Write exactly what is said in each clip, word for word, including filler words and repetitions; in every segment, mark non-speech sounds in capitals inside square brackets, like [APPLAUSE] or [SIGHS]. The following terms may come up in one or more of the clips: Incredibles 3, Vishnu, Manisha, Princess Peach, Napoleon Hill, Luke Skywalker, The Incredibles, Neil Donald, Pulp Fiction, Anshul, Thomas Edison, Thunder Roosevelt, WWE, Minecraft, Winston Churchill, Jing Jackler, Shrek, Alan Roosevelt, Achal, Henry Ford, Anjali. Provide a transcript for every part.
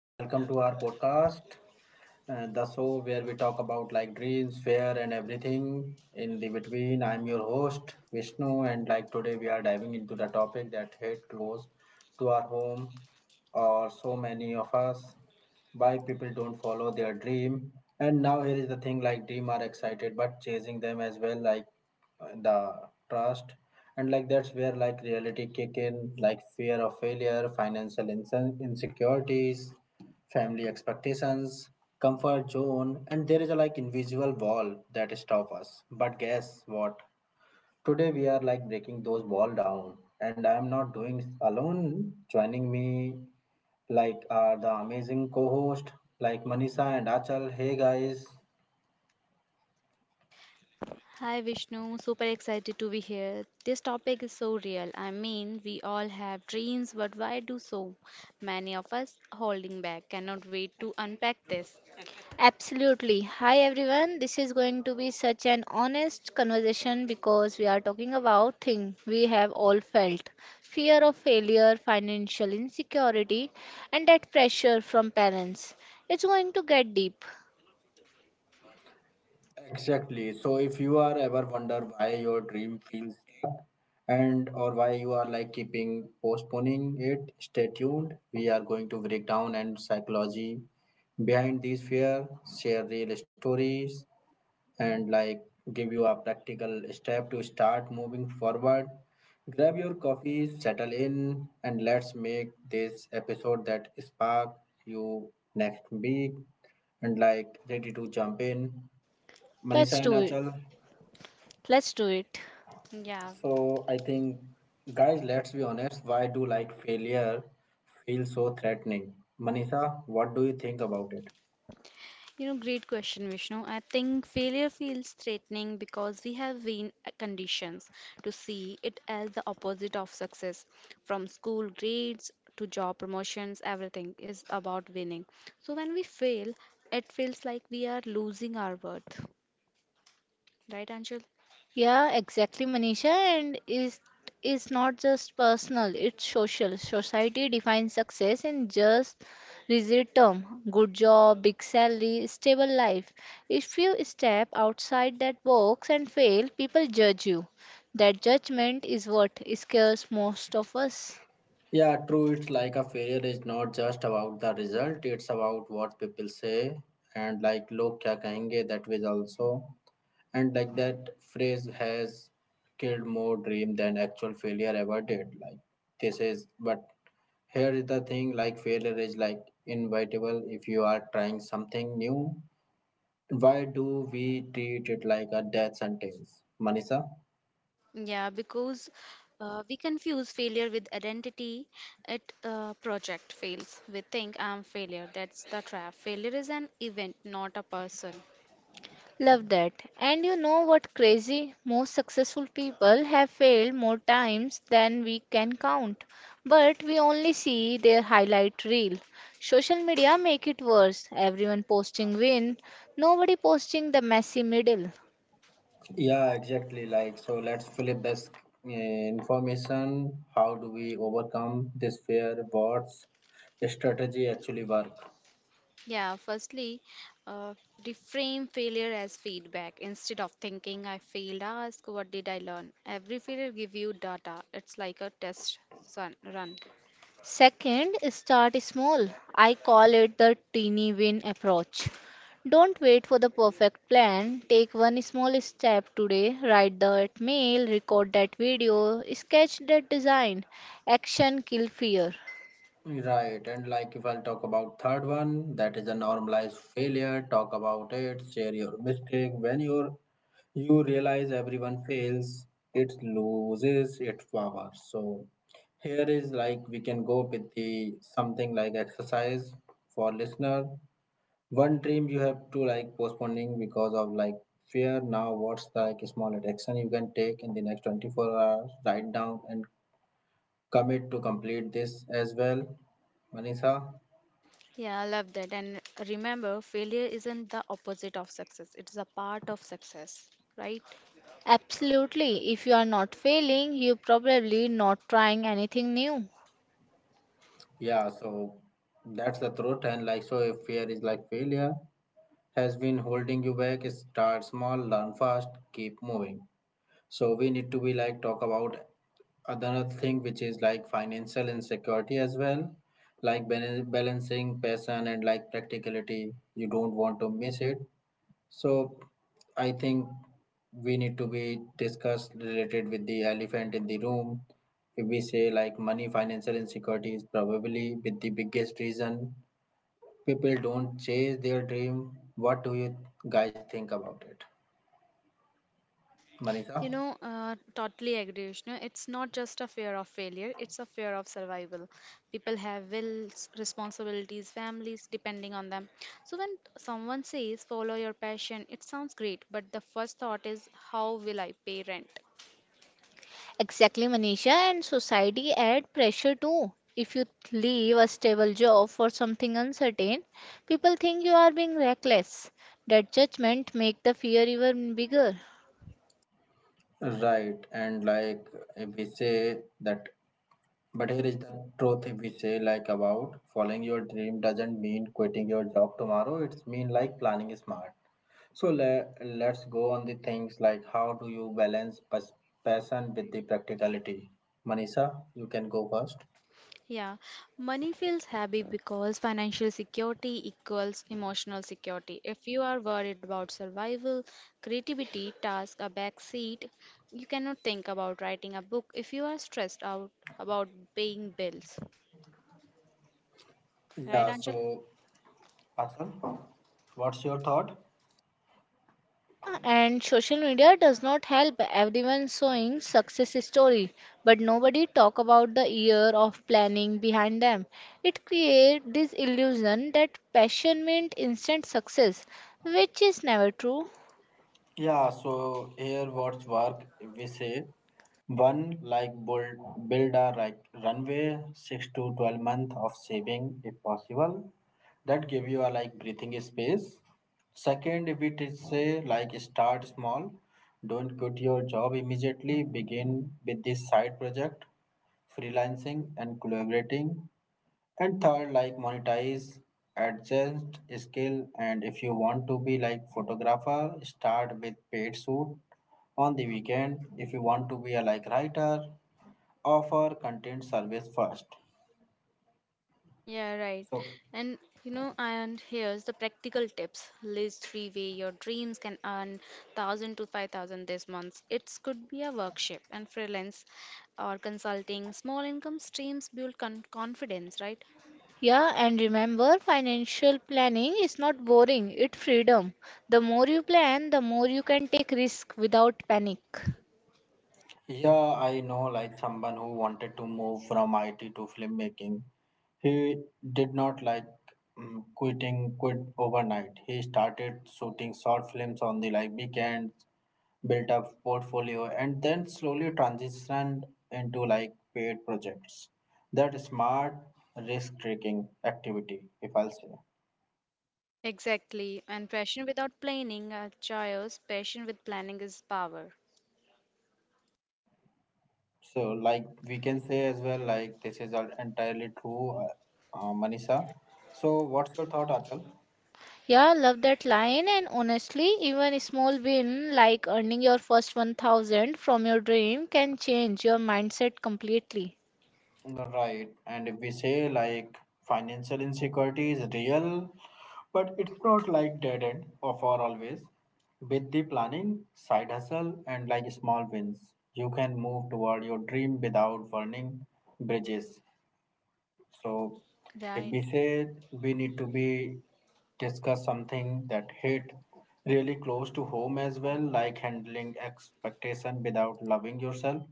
Welcome to our podcast uh, the show where we talk about like dreams, fear, and everything in the between. I'm your host Vishnu, and like today we are diving into the topic that hate close to our home, or so many of us, why people don't follow their dream. And now here is the thing: like dream are excited, but chasing them as well, like uh, the trust. And like that's where like reality kick in, like fear of failure, financial inse- insecurities, family expectations, comfort zone, and there is a like invisible wall that stop us. But guess what? Today we are like breaking those wall down, and I am not doing alone. Joining me, like are the amazing co-host like Manisha and Achal. Hey guys. Hi Vishnu, super excited to be here. This topic is so real. I mean, we all have dreams, but why do so many of us holding back? Cannot wait to unpack this. Absolutely. Hi everyone. This is going to be such an honest conversation because we are talking about things we have all felt. Fear of failure, financial insecurity, and that pressure from parents. It's going to get deep. Exactly. So if you are ever wonder why your dream feels stuck and or why you are like keeping postponing it, stay tuned. We are going to break down and psychology behind these fear, share real stories and like give you a practical step to start moving forward. Grab your coffee, settle in and let's make this episode that spark you next week and like ready to jump in. Manisha Let's and do it. Achal. Let's do it. Yeah, So I think, guys, let's be honest. Why do like failure feel so threatening? Manisha, what do you think about it? you know, great question, Vishnu. I think failure feels threatening because we have been conditioned to see it as the opposite of success. From school grades to job promotions, everything is about winning. So when we fail, it feels like we are losing our worth. Right, Anshul? Yeah, exactly, Manisha. And is is not just personal; it's social. Society defines success in just rigid term: good job, big salary, stable life. If you step outside that box and fail, people judge you. That judgment is what scares most of us. Yeah, true. It's like a failure is not just about the result. It's about what people say and like log kya kahenge that was also and like that phrase has killed more dream than actual failure ever did. Like this is but here is the thing like failure is like inevitable if you are trying something new. Why do we treat it like a death sentence, Manisha? Yeah, because uh, we confuse failure with identity. At uh, project fails, we think I'm failure. That's the trap. Failure is an event, not a person. Love that. And you know what crazy? Most successful people have failed more times than we can count. But we only see their highlight reel. Social media make it worse. Everyone posting win, nobody posting the messy middle. Yeah, exactly. Like, so let's flip this uh, information. How do we overcome this fear? What's strategy actually work? Yeah, firstly, uh, reframe failure as feedback. Instead of thinking I failed, ask what did I learn. Every failure give you data. It's like a test sun, run. Second, start small. I call it the teeny win approach. Don't wait for the perfect plan. Take one small step today. Write that mail, record that video, sketch that design. Action kill fear. Right, and like if I'll talk about third one, that is a normalized failure. Talk about it, share your mistake. When your you realize everyone fails it loses its power, so here is like we can go with the something like exercise for listener, one dream you have to like postponing because of like fear, now what's the like small action you can take in the next twenty-four hours, write down and commit to complete this as well. Manisha, Yeah, I love that. And remember, failure isn't the opposite of success. It's a part of success, right? Absolutely. If you are not failing, you're probably not trying anything new. yeah, so that's the truth and like so if fear is like failure has been holding you back, start small, learn fast, keep moving. So we need to be like talk about another thing which is like financial insecurity as well, like bal- balancing passion and like practicality. You don't want to miss it. So I think we need to be discussed related with the elephant in the room. If we say like money, financial insecurity is probably with the biggest reason people don't chase their dream. What do you guys think about it? Manisha? You know, uh, totally agree, Vishnu. It's not just a fear of failure, it's a fear of survival. People have wills, responsibilities, families depending on them. So when someone says follow your passion, it sounds great, but the first thought is how will I pay rent? Exactly, Manisha, and society add pressure too. If you leave a stable job for something uncertain, people think you are being reckless. That judgment make the fear even bigger. Right, and like if we say that, but here is the truth. If we say like about following your dream doesn't mean quitting your job tomorrow. It's mean like planning smart. So le- let's go on the things like how do you balance pas- passion with the practicality? Manisha, you can go first. Yeah, money feels happy because financial security equals emotional security. If you are worried about survival, creativity, task, a backseat, you cannot think about writing a book if you are stressed out about paying bills. Right, Yeah. Anjali? So, Atul, what's your thought? Yeah, and social media does not help. Everyone showing success story, but nobody talk about the year of planning behind them. It create this illusion that passion meant instant success, which is never true. Yeah, so here what's work we say, one, like build build a like runway, six to twelve month of saving if possible. That give you a like breathing space. Second, if it is say like start small, don't quit your job immediately. Begin with this side project, freelancing and collaborating. And third, like monetize, adjust skill, and if you want to be like photographer, start with paid shoot on the weekend. If you want to be a like writer, offer content service first. Yeah, right. So And you know, and here's the practical tips. List three way your dreams can earn one thousand to five thousand this month. It could be a workshop and freelance or consulting. Small income streams build con confidence, right? Yeah, and remember, financial planning is not boring, it's freedom. The more you plan, the more you can take risk without panic. yeah, I know like someone who wanted to move from I T to filmmaking. He did not like mm, quitting quit overnight. He started shooting short films on the like weekends, built up portfolio and then slowly transitioned into like paid projects. That smart risk taking activity, if I'll say. Exactly. And passion without planning, uh, choice, passion with planning is power. So like we can say as well like this is all entirely true, uh, uh, Manisha, so what's your thought, Achal? Yeah, love that line. And honestly, even a small win like earning your first one thousand from your dream can change your mindset completely. Right, and if we say like financial insecurity is real, but it's not like dead end of or for always. With the planning, side hustle, and like small wins, you can move toward your dream without burning bridges. So if Right. we say we need to be discuss something that hit really close to home as well, like handling expectation without loving yourself,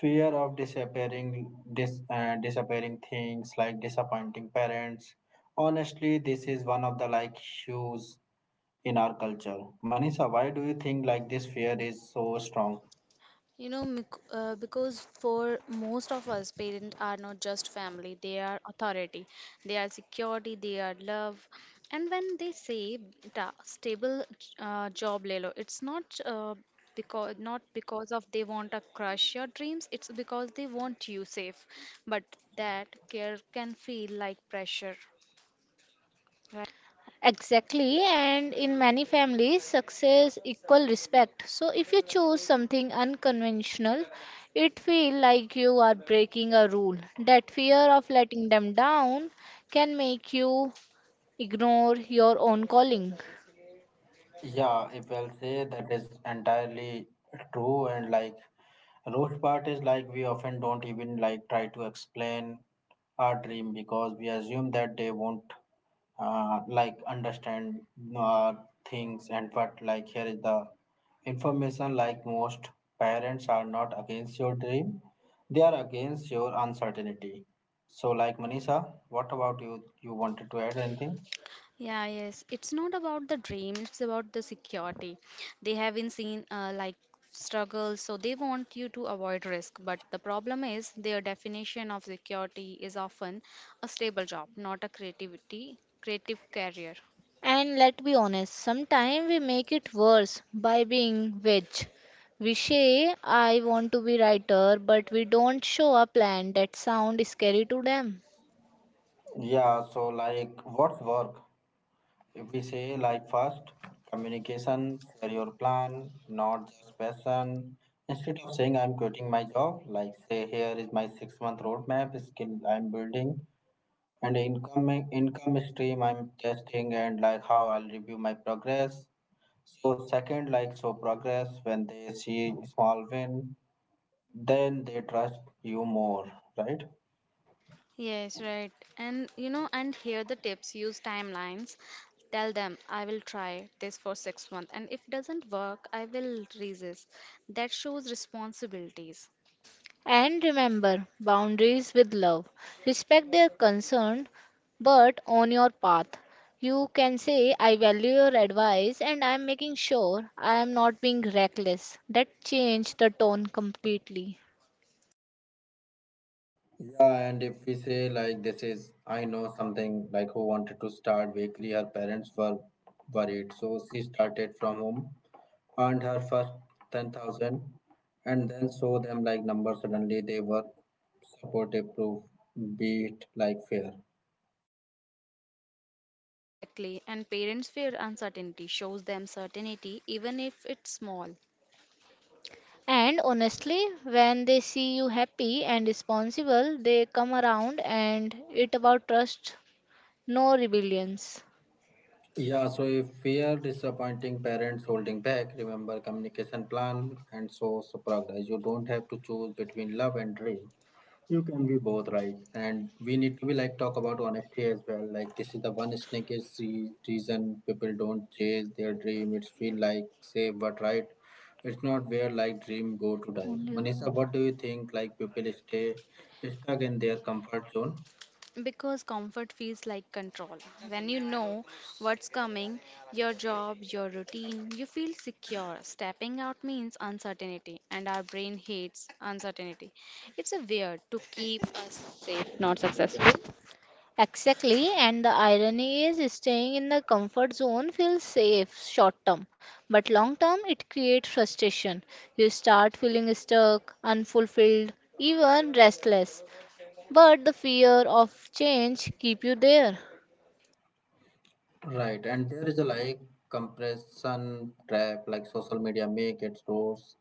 fear of disappearing, dis, uh, disappearing things like disappointing parents. Honestly, this is one of the like hues in our culture. Manisha, why do you think like this fear is so strong? You know, mic- uh, because for most of us, parents are not just family, they are authority, they are security, they are love. And when they say ta- stable uh, job, Lelo, it's not uh, because not because of they want to crush your dreams, it's because they want you safe. But that care can feel like pressure. Exactly, and in many families, success equal respect. So if you choose something unconventional, it feel like you are breaking a rule. That fear of letting them down can make you ignore your own calling. Yeah, if I'll say that is entirely true and like roast part is like we often don't even like try to explain our dream because we assume that they won't uh, like understand uh, things, and but like here is the information, like most parents are not against your dream, they are against your uncertainty. So like Manisha, what about you, you wanted to add anything? Yeah, yes. It's not about the dream, it's about the security. They haven't seen uh, like struggles, so they want you to avoid risk. But the problem is their definition of security is often a stable job, not a creativity, creative career. And let's be honest, sometimes we make it worse by being wedge. We say, I want to be writer, but we don't show a plan that sound scary to them. Yeah, so like what's work. If we say like first, communication, share your plan, not just passion. Instead of saying I'm quitting my job, like say here is my six month roadmap, skill I'm building, and income income stream I'm testing, and like how I'll review my progress. So second, like show progress, when they see small win, then they trust you more, right? Yes, right. And you know, and here the tips use timelines. Tell them I will try this for six months and if doesn't work, I will resist. That shows responsibilities. And remember boundaries with love. Respect their concern, but on your path. You can say, I value your advice and I am making sure I am not being reckless. That changed the tone completely. Yeah, and if we say like this is, I know something like who wanted to start weekly. Her parents were worried, so she started from home, earned her first ten thousand, and then saw them like numbers. Suddenly, they were supportive, proof beat like fear. Exactly, and parents fear uncertainty, shows them certainty even if it's small, And honestly, when they see you happy and responsible, they come around and it about trust, no rebellions. Yeah, so if fear, disappointing parents holding back, remember communication, plan and so so progress. You don't have to choose between love and dream. You can be both, right? And we need to be like talk about honesty as well. Like this is the one sneakiest re- reason people don't chase their dream. It's feel like safe, but right, it's not, where like dream go to die. Only your- Manisha, what do you think? Like people stay stuck in their comfort zone. because comfort feels like control. When you know what's coming, your job, your routine, you feel secure. Stepping out means uncertainty, and our brain hates uncertainty. It's a weird to keep us safe, not successful. Exactly, and the irony is staying in the comfort zone feels safe short term, but long term it creates frustration. You start feeling stuck, unfulfilled, even restless. But the fear of change keep you there. Right, and there is a like compression trap, like social media make it worse,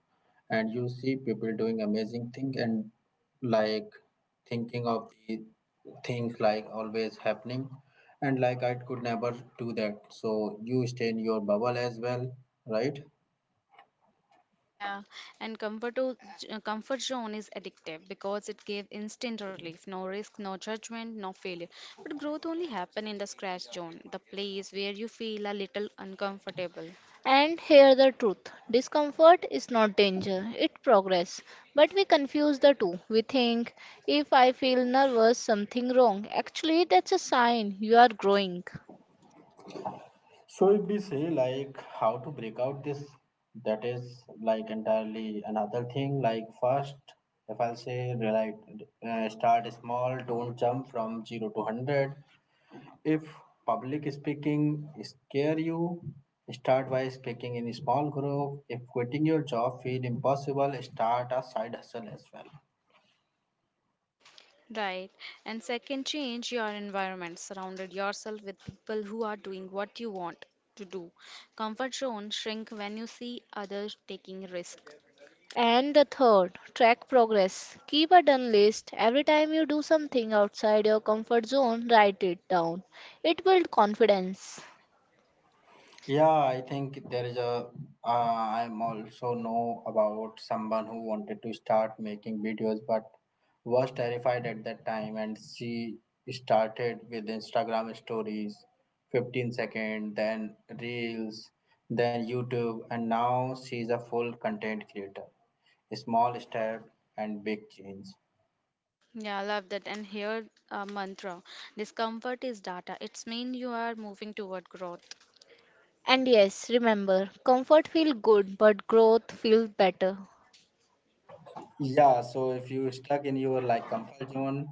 and you see people doing amazing thing and like thinking of the things like always happening, and like I could never do that. So you stay in your bubble as well, right? Yeah, and comfort o- z- uh, comfort zone is addictive because it gives instant relief, no risk, no judgment, no failure. But growth only happen in the scratch zone, the place where you feel a little uncomfortable. And hear the truth. Discomfort is not danger, it progress. But we confuse the two. We think if I feel nervous, something wrong. Actually, that's a sign you are growing. So if we say like how to break out this, that is like entirely another thing. Like first, if I'll say like uh, start small, don't jump from zero to hundred. If public speaking scare you, start by speaking in a small group. If quitting your job feel impossible, start a side hustle as well. Right. And second, change your environment. Surrounded yourself with people who are doing what you want to do. Comfort zone shrink when you see others taking risk. And the third, track progress. Keep a done list. Every time you do something outside your comfort zone, write it down. It builds confidence. Yeah, I think there is a. Uh, I'm also know about someone who wanted to start making videos but was terrified at that time, and she started with Instagram stories, fifteen second, then reels, then YouTube, and now she's a full content creator. Small step and big change. Yeah, I love that. And here, a mantra. Discomfort is data. It's mean you are moving toward growth. And yes, remember, comfort feels good, but growth feels better. Yeah, so if you stuck in your like comfort zone,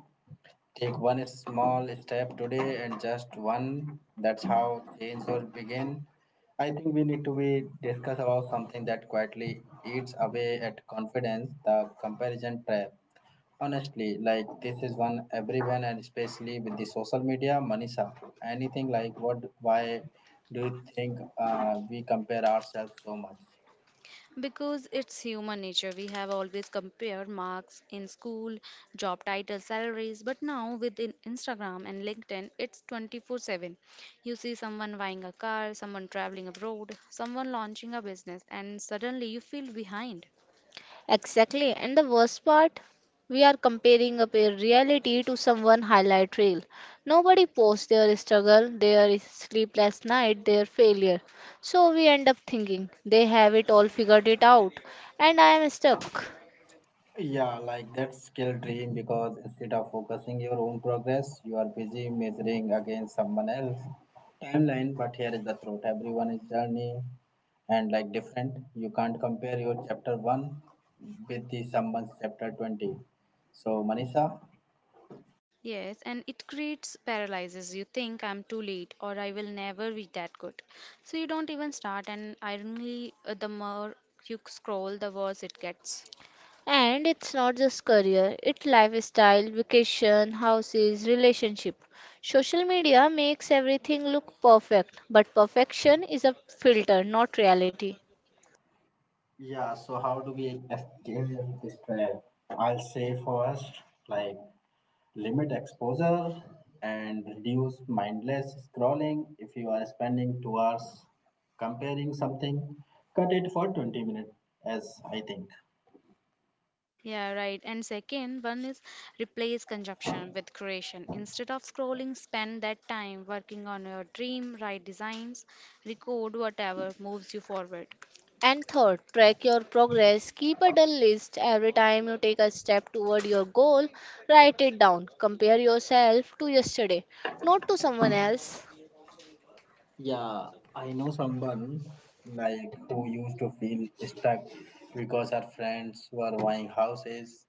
take one small step today and just one. That's how change will begin. I think we need to be discuss about something that quietly eats away at confidence, the comparison trap. Honestly, like this is one everyone and especially with the social media, Manisha. Anything like what? Why do you think uh, we compare ourselves so much? Because it's human nature. We have always compared marks in school, job titles, salaries, but now with in- Instagram and LinkedIn, it's twenty-four seven. You see someone buying a car, someone traveling abroad, someone launching a business, and suddenly you feel behind. Exactly. And the worst part, we are comparing up a reality to someone highlight reel. Nobody posts their struggle, their sleepless night, their failure. So we end up thinking they have it all figured it out, and I am stuck. Yeah, like that skill dream because instead of focusing your own progress, you are busy measuring against someone else timeline. But here is the truth: everyone is journey and like different. You can't compare your chapter one with the someone's chapter twenty. So Manisha, Yes, and it creates paralysis. You think I'm too late or I will never be that good. So you don't even start, and ironically, uh, the more you scroll, the worse it gets. And it's not just career, it's lifestyle, vacation, houses, relationship. Social media makes everything look perfect, but perfection is a filter, not reality. yeah. So how do we escape this trial? I'll say first, like limit exposure and reduce mindless scrolling. If you are spending two hours comparing something, cut it for twenty minutes, as I think. Yeah, right. And second one is replace consumption with creation. Instead of scrolling, spend that time working on your dream, write designs, record whatever moves you forward. And third, track your progress. Keep a dull list every time you take a step toward your goal. Write it down. Compare yourself to yesterday, not to someone else. Yeah, I know someone like who used to feel stuck because her friends were buying houses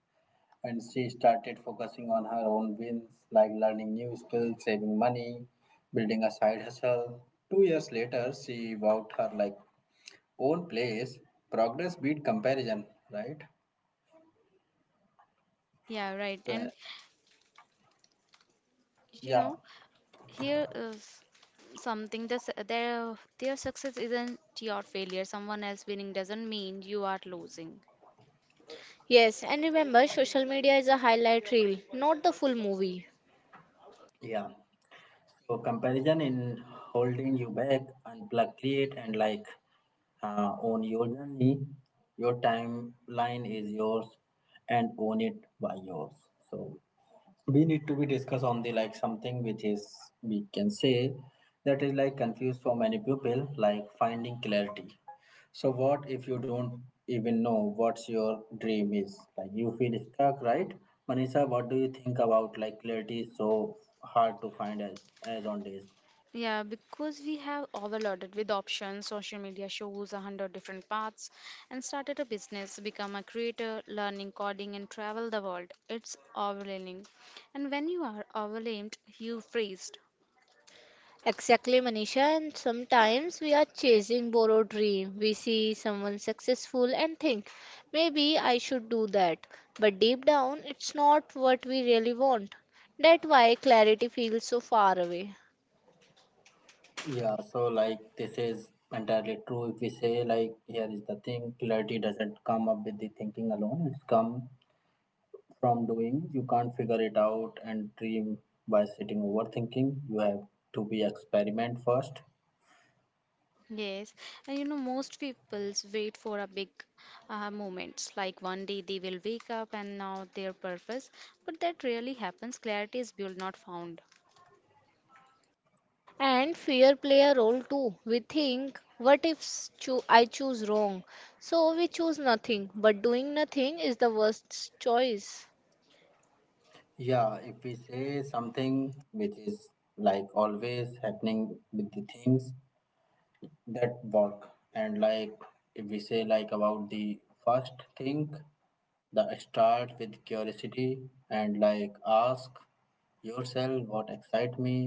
and she started focusing on her own wins like learning new skills, saving money, building a side hustle. Two years later, she bought her like own place, progress beat comparison, right? Yeah, right. So, And you yeah, know, here is something that their their success isn't your failure. Someone else winning doesn't mean you are losing. Yes, and remember, social media is a highlight reel, not the full movie. yeah. So comparison in holding you back, unplug, create, and like uh, own your journey. Your timeline is yours, and own it by yours. So we need to be discuss on the like something which is we can say that is like confused for many people like finding clarity. So what if you don't even know what's your dream is, like you feel stuck, right? Manisha, what do you think about like clarity is so hard to find as, as on days. Yeah, because we have overloaded with options, social media shows a hundred different paths, and started a business, become a creator, learning coding, and travel the world. It's overwhelming. And when you are overwhelmed, you freeze. Exactly, Manisha. And sometimes we are chasing borrowed dream. We see someone successful and think, maybe I should do that. But deep down, it's not what we really want. That's why clarity feels so far away. Yeah, so like this is entirely true, if we say like here is the thing, clarity doesn't come up with the thinking alone, it's come from doing. You can't figure it out and dream by sitting overthinking. You have to be experiment first. Yes, and you know, most people's wait for a big uh, moments like one day they will wake up and know their purpose, but that rarely happens. Clarity is built, not found. And fear play a role too. We think, what if s- choo- I choose wrong? So we choose nothing. But doing nothing is the worst choice. Yeah, if we say something which is like always happening with the things, that work and like if we say like about the first thing the start with curiosity and like ask yourself what excite me,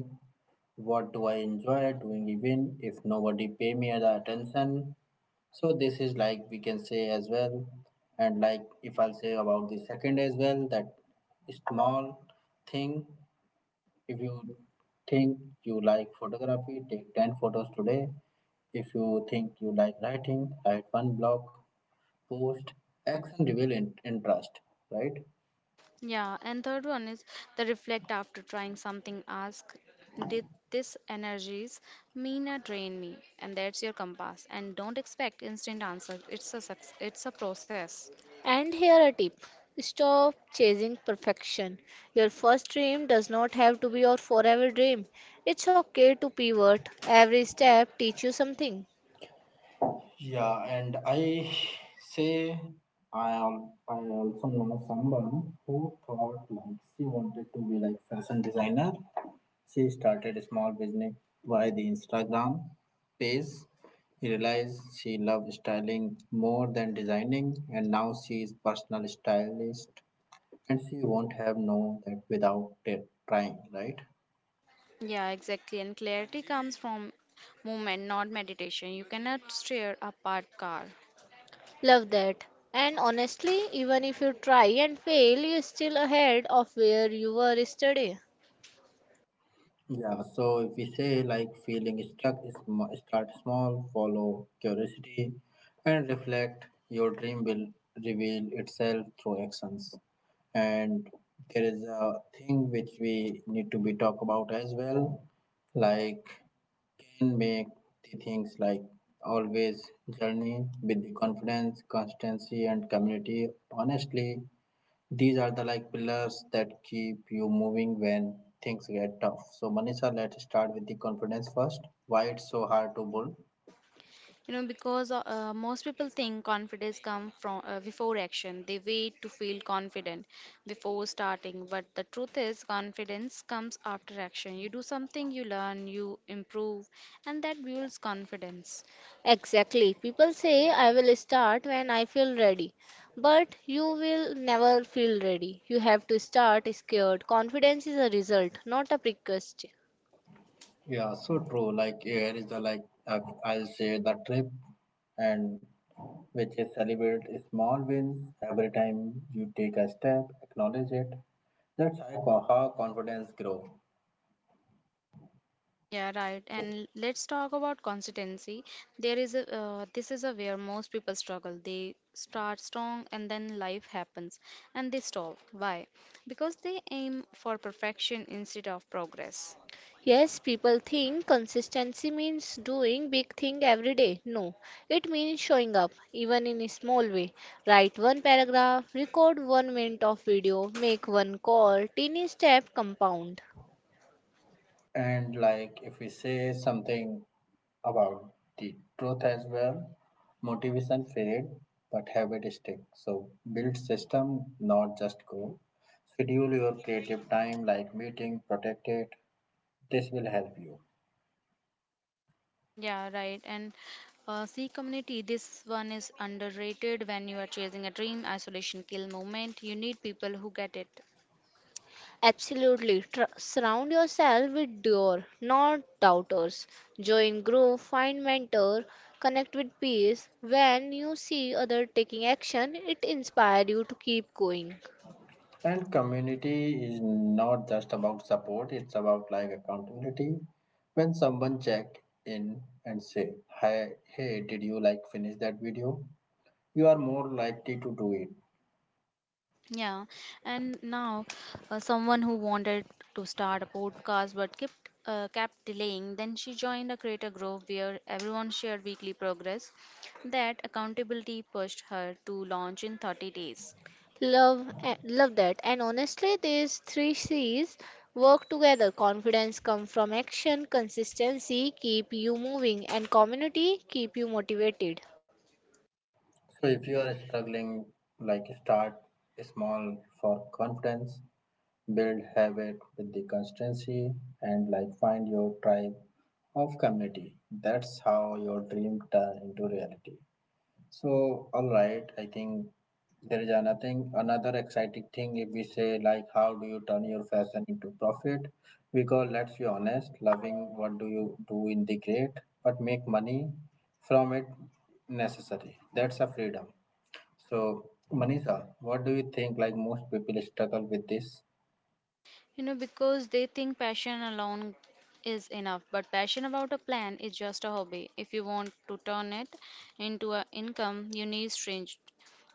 what do I enjoy doing even if nobody pay me the attention, so this is like we can say as well. And like if I'll say about the second as well, that small thing, if you think you like photography, take ten photos today. If you think you like writing, write one blog post. Action reveal in- interest, right? Yeah, and third one is the reflect after trying something. Ask, did this energies mean or drain me? And that's your compass. And don't expect instant answer. It's a suc- it's a process. And here a tip stop chasing perfection. Your first dream does not have to be your forever dream. It's okay to pivot. Every step teach you something. Yeah, and I say I al- I also know someone who thought like she wanted to be like fashion designer. She started a small business via the Instagram page. She realized she loved styling more than designing, and now she is personal stylist. And she won't have known that without t- trying, right? Yeah, exactly. And clarity comes from movement, not meditation. You cannot steer a parked car. Love that. And honestly, even if you try and fail, you're still ahead of where you were yesterday. Yeah, so if we say like feeling stuck, is sm- start small, follow curiosity, and reflect, your dream will reveal itself through actions. And there is a thing which we need to be talk about as well, like can make the things like always journey with the confidence, constancy, and community. Honestly, these are the like pillars that keep you moving when things get tough. So Manisha, let's start with the confidence first. Why it's so hard to build? You know, because uh, uh, most people think confidence comes from uh, before action. They wait to feel confident before starting, but the truth is, confidence comes after action. You do something, you learn, you improve, and that builds confidence. Exactly. People say I will start when I feel ready. But you will never feel ready. You have to start scared. Confidence is a result, not a prerequisite. Yeah, so true. Like here is the like uh, I'll say the trip, and which is celebrate small wins every time you take a step. Acknowledge it. That's how how confidence grow. Yeah, right. So And let's talk about consistency. There is a uh, this is a where most people struggle. They start strong and then life happens and they stop. Why? Because they aim for perfection instead of progress. Yes, people think consistency means doing big thing every day. No, it means showing up, even in a small way. Write one paragraph, record one minute of video, make one call, Tiny step compound. and like if we say something about the truth as well. Motivation fade, but habit stick. So build system, not just goal. Schedule your creative time like meeting, protect it. This will help you. Yeah, right. And uh, see, community, this one is underrated when you are chasing a dream, isolation kill moment. You need people who get it. Absolutely, tr- surround yourself with doer, not doubters. Join group, find mentor, connect with peers. When you see other taking action, it inspires you to keep going. And community is not just about support, it's about like accountability. When someone check in and say, hi, hey, did you like finish that video? You are more likely to do it. Yeah. And now, uh, someone who wanted to start a podcast but kept uh, kept delaying, then she joined a creator group where everyone shared weekly progress. That accountability pushed her to launch in thirty days. Love, eh, love that. And honestly, these three C's work together. Confidence come from action, consistency keep you moving, and community keep you motivated. So if you are struggling, like start small for confidence, build habit with the consistency, and like find your tribe of community. That's how your dream turn into reality. So all right, I think there is another another exciting thing if we say like how do you turn your fashion into profit? Because let's be honest, loving what do you do in the great, but make money from it necessary. That's a freedom. So, Manisha, what do you think? Like most people struggle with this. You know, because they think passion alone is enough, but passion about a plan is just a hobby. If you want to turn it into an income, you need strange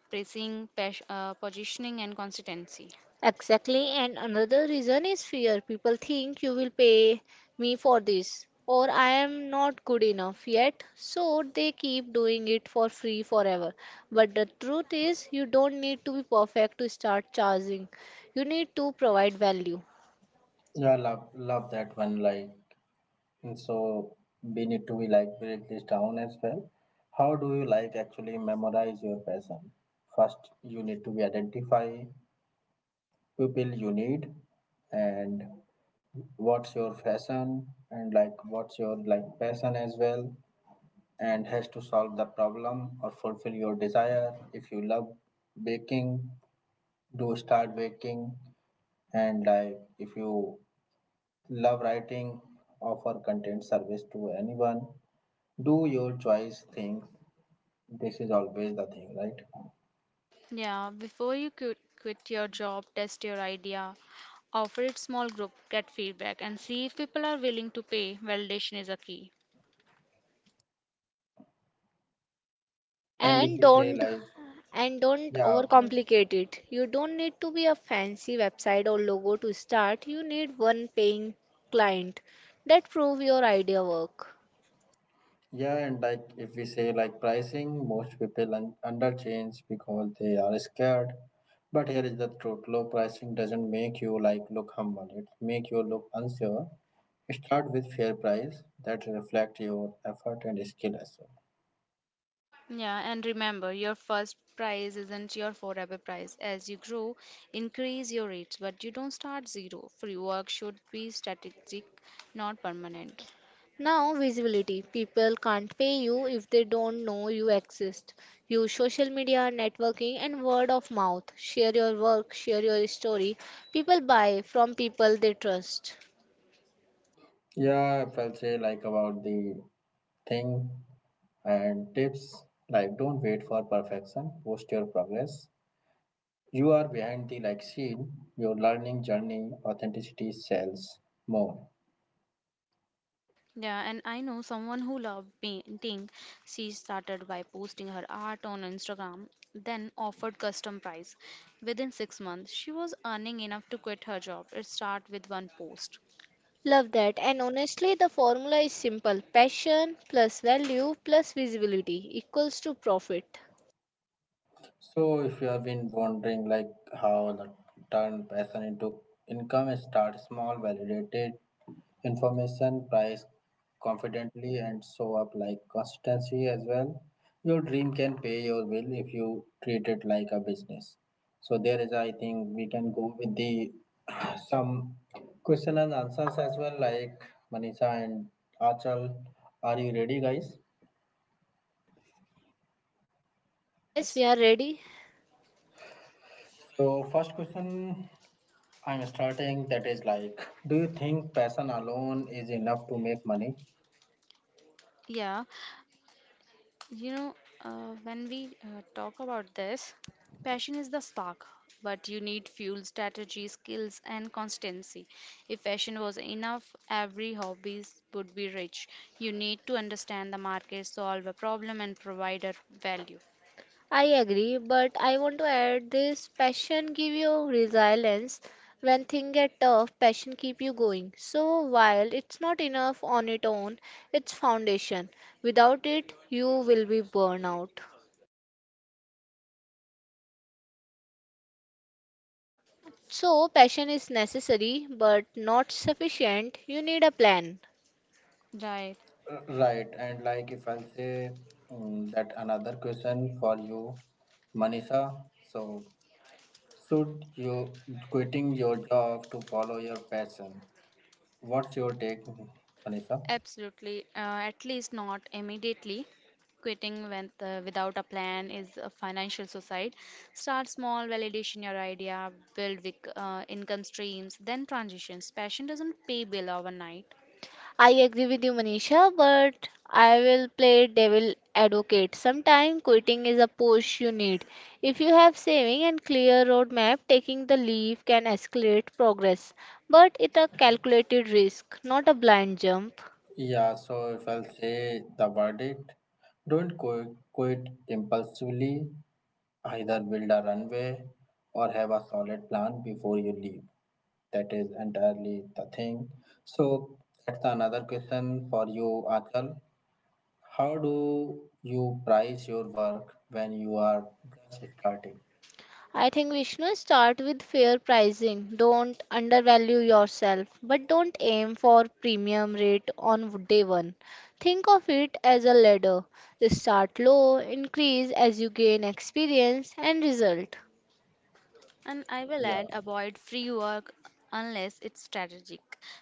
pacing, pas- uh, positioning, and consistency. Exactly. And another reason is fear. People think you will pay me for this, or I am not good enough yet, so they keep doing it for free forever. But the truth is, you don't need to be perfect to start charging. You need to provide value. Yeah, love love that one. Like, and so we need to be like break this down as well. How do you like actually memorize your passion? First, you need to be identify people you need, and what's your fashion and like what's your like passion as well, and has to solve the problem or fulfill your desire. If you love baking, do start baking. And like if you love writing, offer content service to anyone. Do your choice things. This is always the thing, right? Yeah, before you quit, quit your job, test your idea, offer it small group, get feedback, and see if people are willing to pay. Validation is a key. And if and we say don't like, and don't yeah, go ahead. overcomplicate it. You don't need to be a fancy website or logo to start. You need one paying client that prove your idea work. Yeah, and like if we say like pricing, most people un- under change because they are scared. But here is the truth: low pricing doesn't make you like look humble. It make you look unsure. Start with fair price that reflect your effort and skill as well. Yeah, and remember, your first prize isn't your forever prize. As you grow, increase your rates, but you don't start zero. Free work should be strategic, not permanent. Now visibility, people can't pay you if they don't know you exist. Use social media, networking, and word of mouth. Share your work, share your story. People buy from people they trust. Yeah, if I'll say like about the thing and tips, like don't wait for perfection, post your progress. You are behind the like scene, your learning journey authenticity sells more. Yeah, and I know someone who loved painting. She started by posting her art on Instagram, then offered custom price. Within six months, she was earning enough to quit her job. It started with one post. Love that. And honestly, the formula is simple: passion plus value plus visibility equals to profit. So, if you have been wondering, like how the turn passion into income, start small, validated information, price confidently, and show up like consistency as well. Your dream can pay your bill if you treat it like a business. So, there is, I think, we can go with the [SIGHS] [CLEARS THROAT] some question and answers as well, like Manisha and Achal. Are you ready, guys? Yes, we Yes, are ready. So first question I'm starting, that is like, do you think passion alone is enough to make money? yeah. You know, uh, when we uh, talk about this, passion is the spark, but you need fuel, strategy, skills, and constancy. If passion was enough, every hobby would be rich. You need to understand the market, solve a problem, and provide a value. I agree, but I want to add this: passion give you resilience. When things get tough, passion keep you going. So while it's not enough on its own, it's foundation. Without it, you will be burned out. So passion is necessary but not sufficient. You need a plan. Right. Uh, Right and like if I'll say um, that another question for you, Manisha, so should you quitting your job to follow your passion, what's your take, Manisha? Absolutely, uh, at least not immediately. Quitting when, uh, without a plan is a financial suicide. Start small, validation your idea, build with, uh, income streams, then transitions. Passion doesn't pay bill overnight. I agree with you, Manisha, but I will play devil advocate. Sometimes quitting is a push you need. If you have saving and clear roadmap, taking the leave can escalate progress. But it's a calculated risk, not a blind jump. Yeah, so if I'll say the verdict, don't quit, quit impulsively. Either build a runway or have a solid plan before you leave. That is entirely the thing. So that's another question for you, Achal. How do you price your work when you are just starting? I think, Vishnu, start with fair pricing. Don't undervalue yourself, but don't aim for premium rate on day one. Think of it as a ladder. Start low, increase as you gain experience and result. And I will Yeah, add, avoid free work unless it's strategic.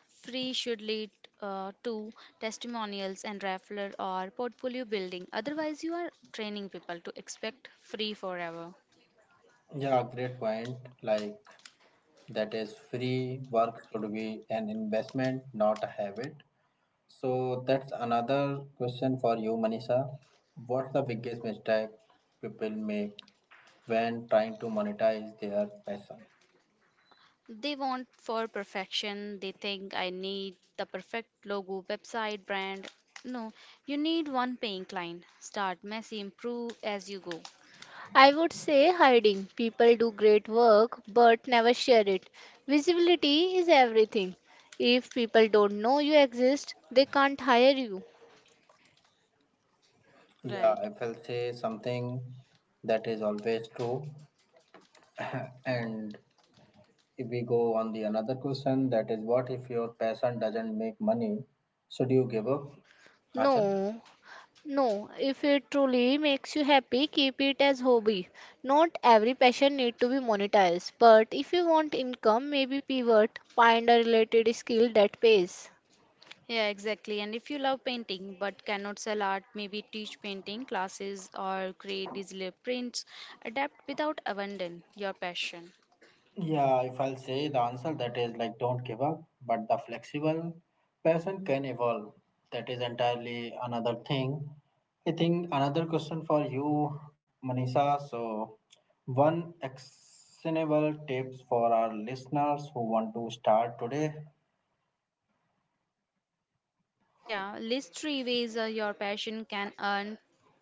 Free should lead uh, to testimonials and referral or portfolio building. Otherwise, you are training people to expect free forever. yeah, great point. Like that is free work should be an investment, not a habit. So that's another question for you, Manisha. What's the biggest mistake people make when trying to monetize their passion? They want for perfection. They think I need the perfect logo, website, brand. No, you need one paying client. Start messy, improve as you go. I would say hiding. People do great work but never share it. Visibility is everything. If people don't know you exist, they can't hire you. Yeah, Right. I will say something that is always true. [LAUGHS] And if we go on the another question, that is what if your passion doesn't make money, should you give up? Achal? No, no, if it truly makes you happy, keep it as hobby. Not every passion need to be monetized, but if you want income, maybe pivot, find a related skill that pays. Yeah, exactly. And if you love painting but cannot sell art, maybe teach painting classes or create digital prints. Adapt without abandon your passion. Yeah, if I'll say the answer, that is like don't give up, but the flexible person can evolve. That is entirely another thing. I think another question for you, Manisha. So, one actionable tips for our listeners who want to start today. Yeah, list three ways uh, your passion can earn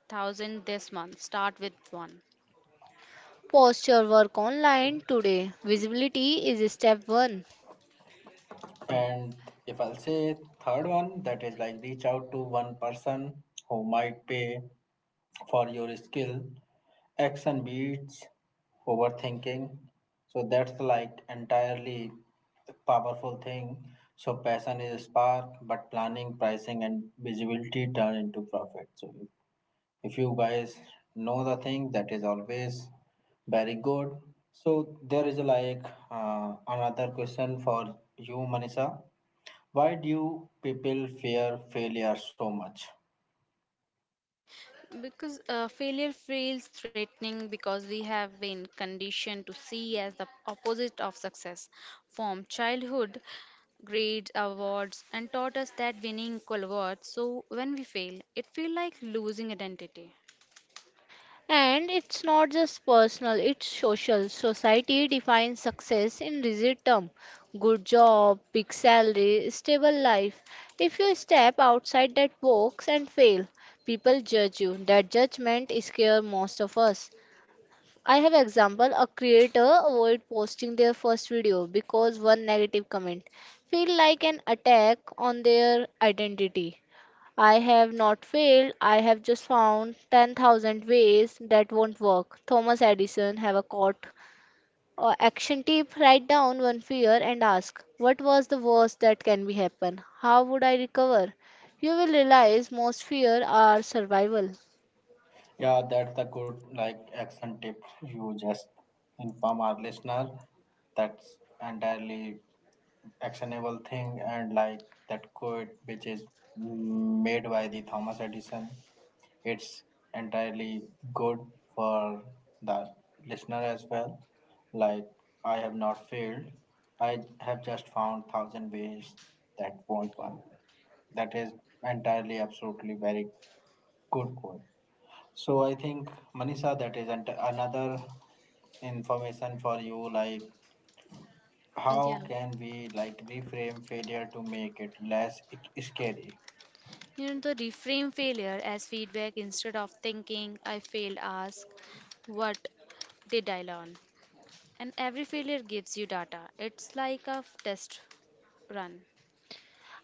thousand this month. Start with one. Post your work online today. Visibility is step one. And if I'll say third one, that is like reach out to one person who might pay for your skill. Action beats overthinking. So that's like entirely powerful thing. So passion is a spark, but planning, pricing, and visibility turn into profit. So if you guys know the thing, that is always very good. So there is like uh, another question for you, Manisha, why do people fear failure so much? Because uh, failure feels threatening because we have been conditioned to see as the opposite of success. From childhood, grades, awards, and taught us that winning equal worth. So when we fail, it feels like losing identity. And it's not just personal, it's social. Society defines success in rigid terms: good job, big salary, stable life. If you step outside that box and fail, people judge you. That judgment scares most of us. I have example: a creator avoid posting their first video because one negative comment feel like an attack on their identity. I have not failed. I have just found ten thousand ways that won't work. Thomas Edison have a quote. Uh, action tip: write down one fear and ask, what was the worst that can be happen? How would I recover? You will realize most fear are survival. Yeah, that's a good like action tip. You just inform our listener. That's entirely actionable thing, and like that quote which is made by the Thomas Edison, it's entirely good for the listener as well. Like, I have not failed. I have just found thousand ways that won't work. That is entirely, absolutely very good quote. So I think Manisha, that is ent- another information for you. Like, Yeah. how can we like reframe failure to make it less ic- scary? You know, the reframe failure as feedback instead of thinking, I failed, ask, what did I learn? And every failure gives you data. It's like a test run.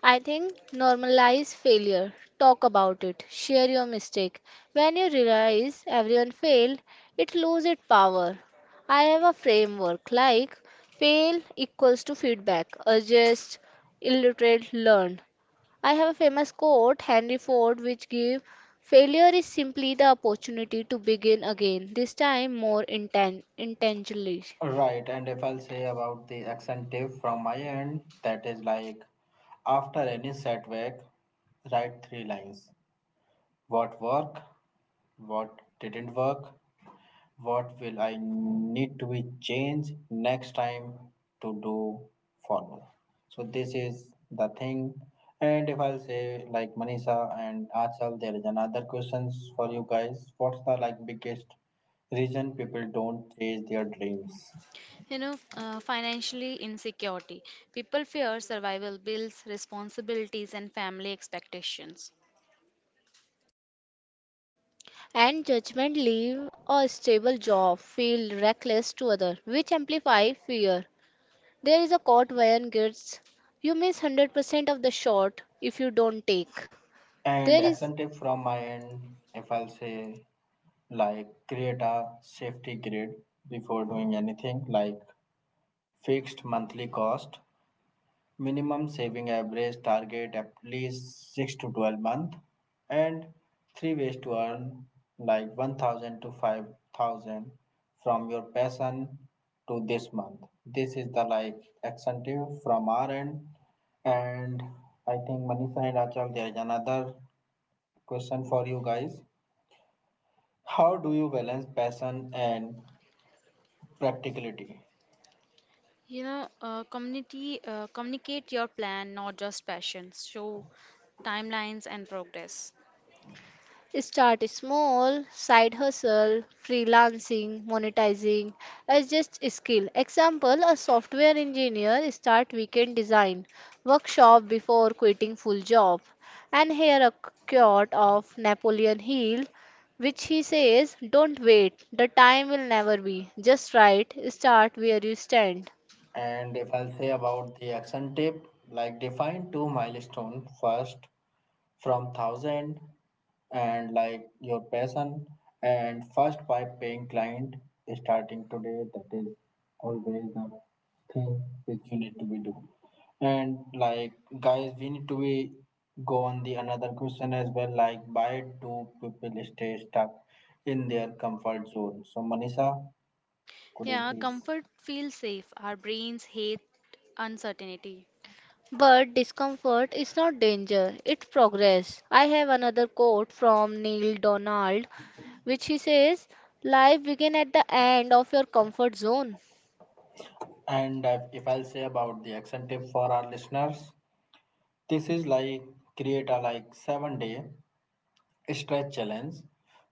I think normalize failure. Talk about it. Share your mistake. When you realize everyone failed, it loses its power. I have a framework like fail equals to feedback, adjust, illiterate, learn. I have a famous quote, Henry Ford, which give: failure is simply the opportunity to begin again, this time more inten- intentionally. Right, and if I'll say about the action tip from my end, that is like after any setback, write three lines. What worked, what didn't work, what will I need to be changed next time to do follow. So this is the thing. And if I'll say like Manisha and Achal, there is another questions for you guys. What's the like biggest reason people don't chase their dreams? You know, uh, financially insecurity. People fear survival bills, responsibilities, and family expectations. And judgment, leave a stable job feel reckless to other, which amplify fear. There is a quote where gets: you miss one hundred percent of the shot if you don't take. There And is, action tip from my end, if I'll say, like, create a safety grid before doing anything, like fixed monthly cost, minimum saving average target at least six to twelve month, and three ways to earn like one thousand to five thousand from your passion to this month. This is the like action tip from our end, and I think Manisha and Achal, there is another question for you guys. How do you balance passion and practicality? You know, uh, community uh, communicate your plan, not just passions. Show timelines and progress. start small, side hustle, freelancing, monetizing as just a skill. Example, a software engineer start weekend design workshop before quitting full job. And here a quote of Napoleon Hill, which he says, don't wait, the time will never be. Just right, start where you stand. And if I'll say about the action tip, like define two milestones first from thousand and like your passion and first by paying client starting today, that is always the thing which you need to be do. And like guys, we need to be go on the another question as well, like why do people stay stuck in their comfort zone? So Manisha, could you Yeah, please. comfort feels safe. Our brains hate uncertainty. But discomfort is not danger, it progress. I have another quote from Neil Donald, which he says, life begin at the end of your comfort zone. And if, if I'll say about the action tip for our listeners, this is like create a like seven day stretch challenge.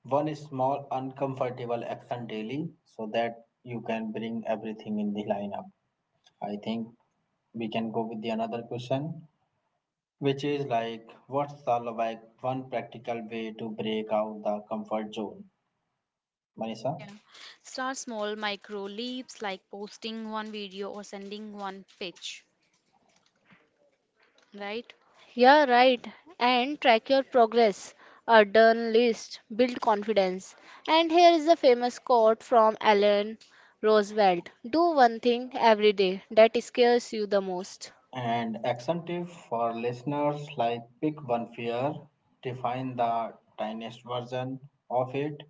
One small uncomfortable action daily so that you can bring everything in the lineup. I think we can go with the another question, which is like what's the like one practical way to break out the comfort zone? Manisha? Yeah. Start small micro leaps like posting one video or sending one pitch, right? Yeah, right, and track your progress. A done list build confidence. And here is the famous quote from Alan Roosevelt: do one thing every day that scares you the most. And action tip for listeners like pick one fear, define the tiniest version of it,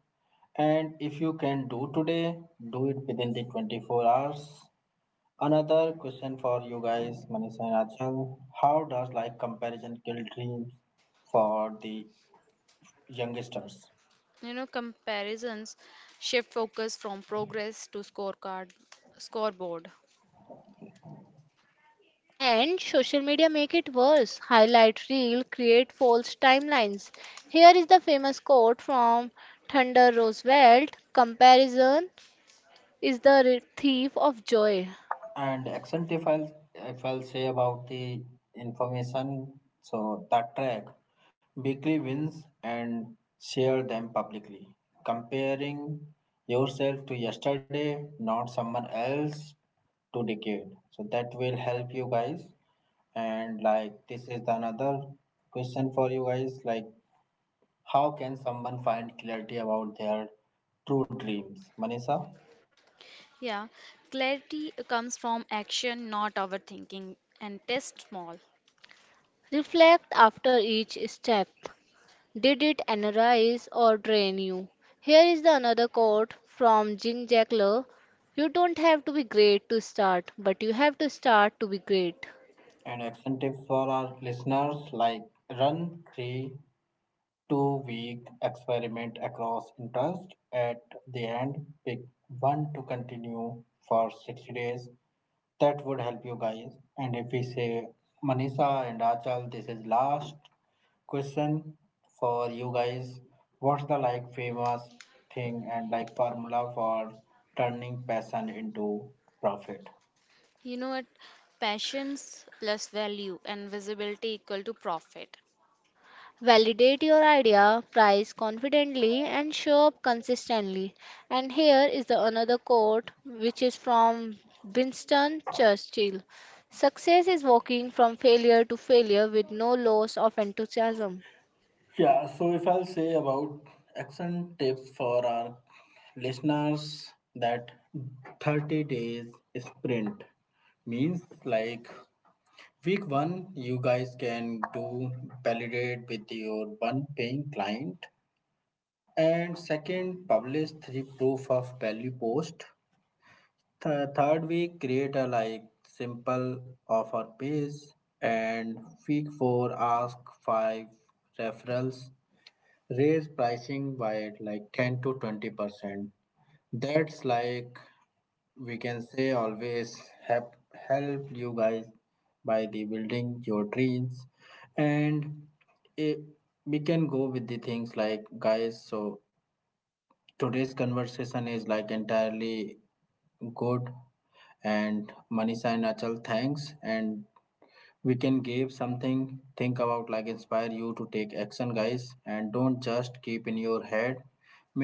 and if you can do today, do it within the twenty-four hours. Another question for you guys, Manisha and Achal. How does like comparison kill dreams for the youngsters? You know, comparisons shift focus from progress to scorecard, scoreboard. And social media make it worse. Highlight reel create false timelines. Here is the famous quote from Thunder Roosevelt: comparison is the re- thief of joy. And accent if I'll, if I'll say about the information, so that track weekly wins and share them publicly. Comparing yourself to yesterday, not someone else to decade. So that will help you guys. And like this is the another question for you guys like, how can someone find clarity about their true dreams? Manisha, Yeah, clarity comes from action, not overthinking, and test small. Reflect after each step. Did it energize or drain you? Here is the another quote from Jing Jackler: you don't have to be great to start, but you have to start to be great. and action tips for our listeners like run three two week experiment across interest. At the end, pick one to continue for sixty days. That would help you guys. And if we say Manisha and Achal, this is last question for you guys. What's the like famous thing and like formula for turning passion into profit? You know what? Passions plus value and visibility equal to profit. Validate your idea, price confidently, and show up consistently. And here is the another quote, which is from Winston Churchill: success is walking from failure to failure with no loss of enthusiasm. Yeah, so if I'll say about action tips for our listeners, that thirty days sprint means like week one, you guys can do validate with your one paying client, and second, publish three proof of value post. Th- third week, create a like simple offer page, and week four, ask five referrals. Raise pricing by like ten to twenty percent. That's like we can say always help help you guys by the building your dreams and eh, we can go with the things like guys. So today's conversation is like entirely good, and Manisha and Achal thanks, and we can give something think about like inspire you to take action guys, and don't just keep in your head,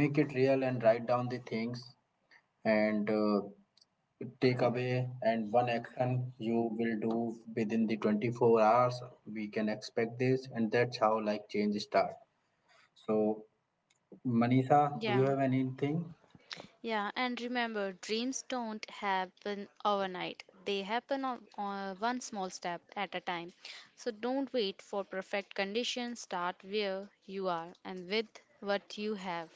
make it real and write down the things. And uh, take away and one action you will do within the twenty-four hours, we can expect this, and that's how like change start. So Manisha, do you Yeah. have anything? Yeah, and remember, dreams don't happen overnight. They happen on, on one small step at a time. So don't wait for perfect conditions. Start where you are and with what you have.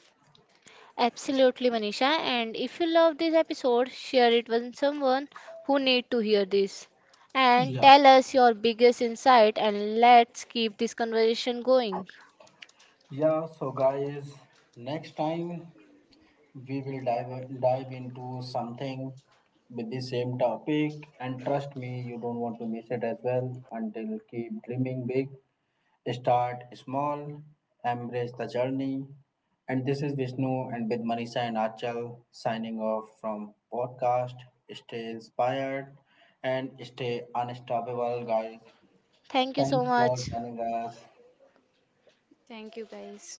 Absolutely, Manisha. And if you love this episode, share it with someone who need to hear this. And Yeah. tell us your biggest insight and let's keep this conversation going. Yeah, so guys, next time we will dive dive into something with the same topic, and trust me, you don't want to miss it as well. Until, keep dreaming big. Start small, embrace the journey. And this is Vishnu and with Manisha and Achal signing off from podcast. Stay inspired and stay unstoppable, guys. Thank you so Thanks for much. joining us. Thank you, guys.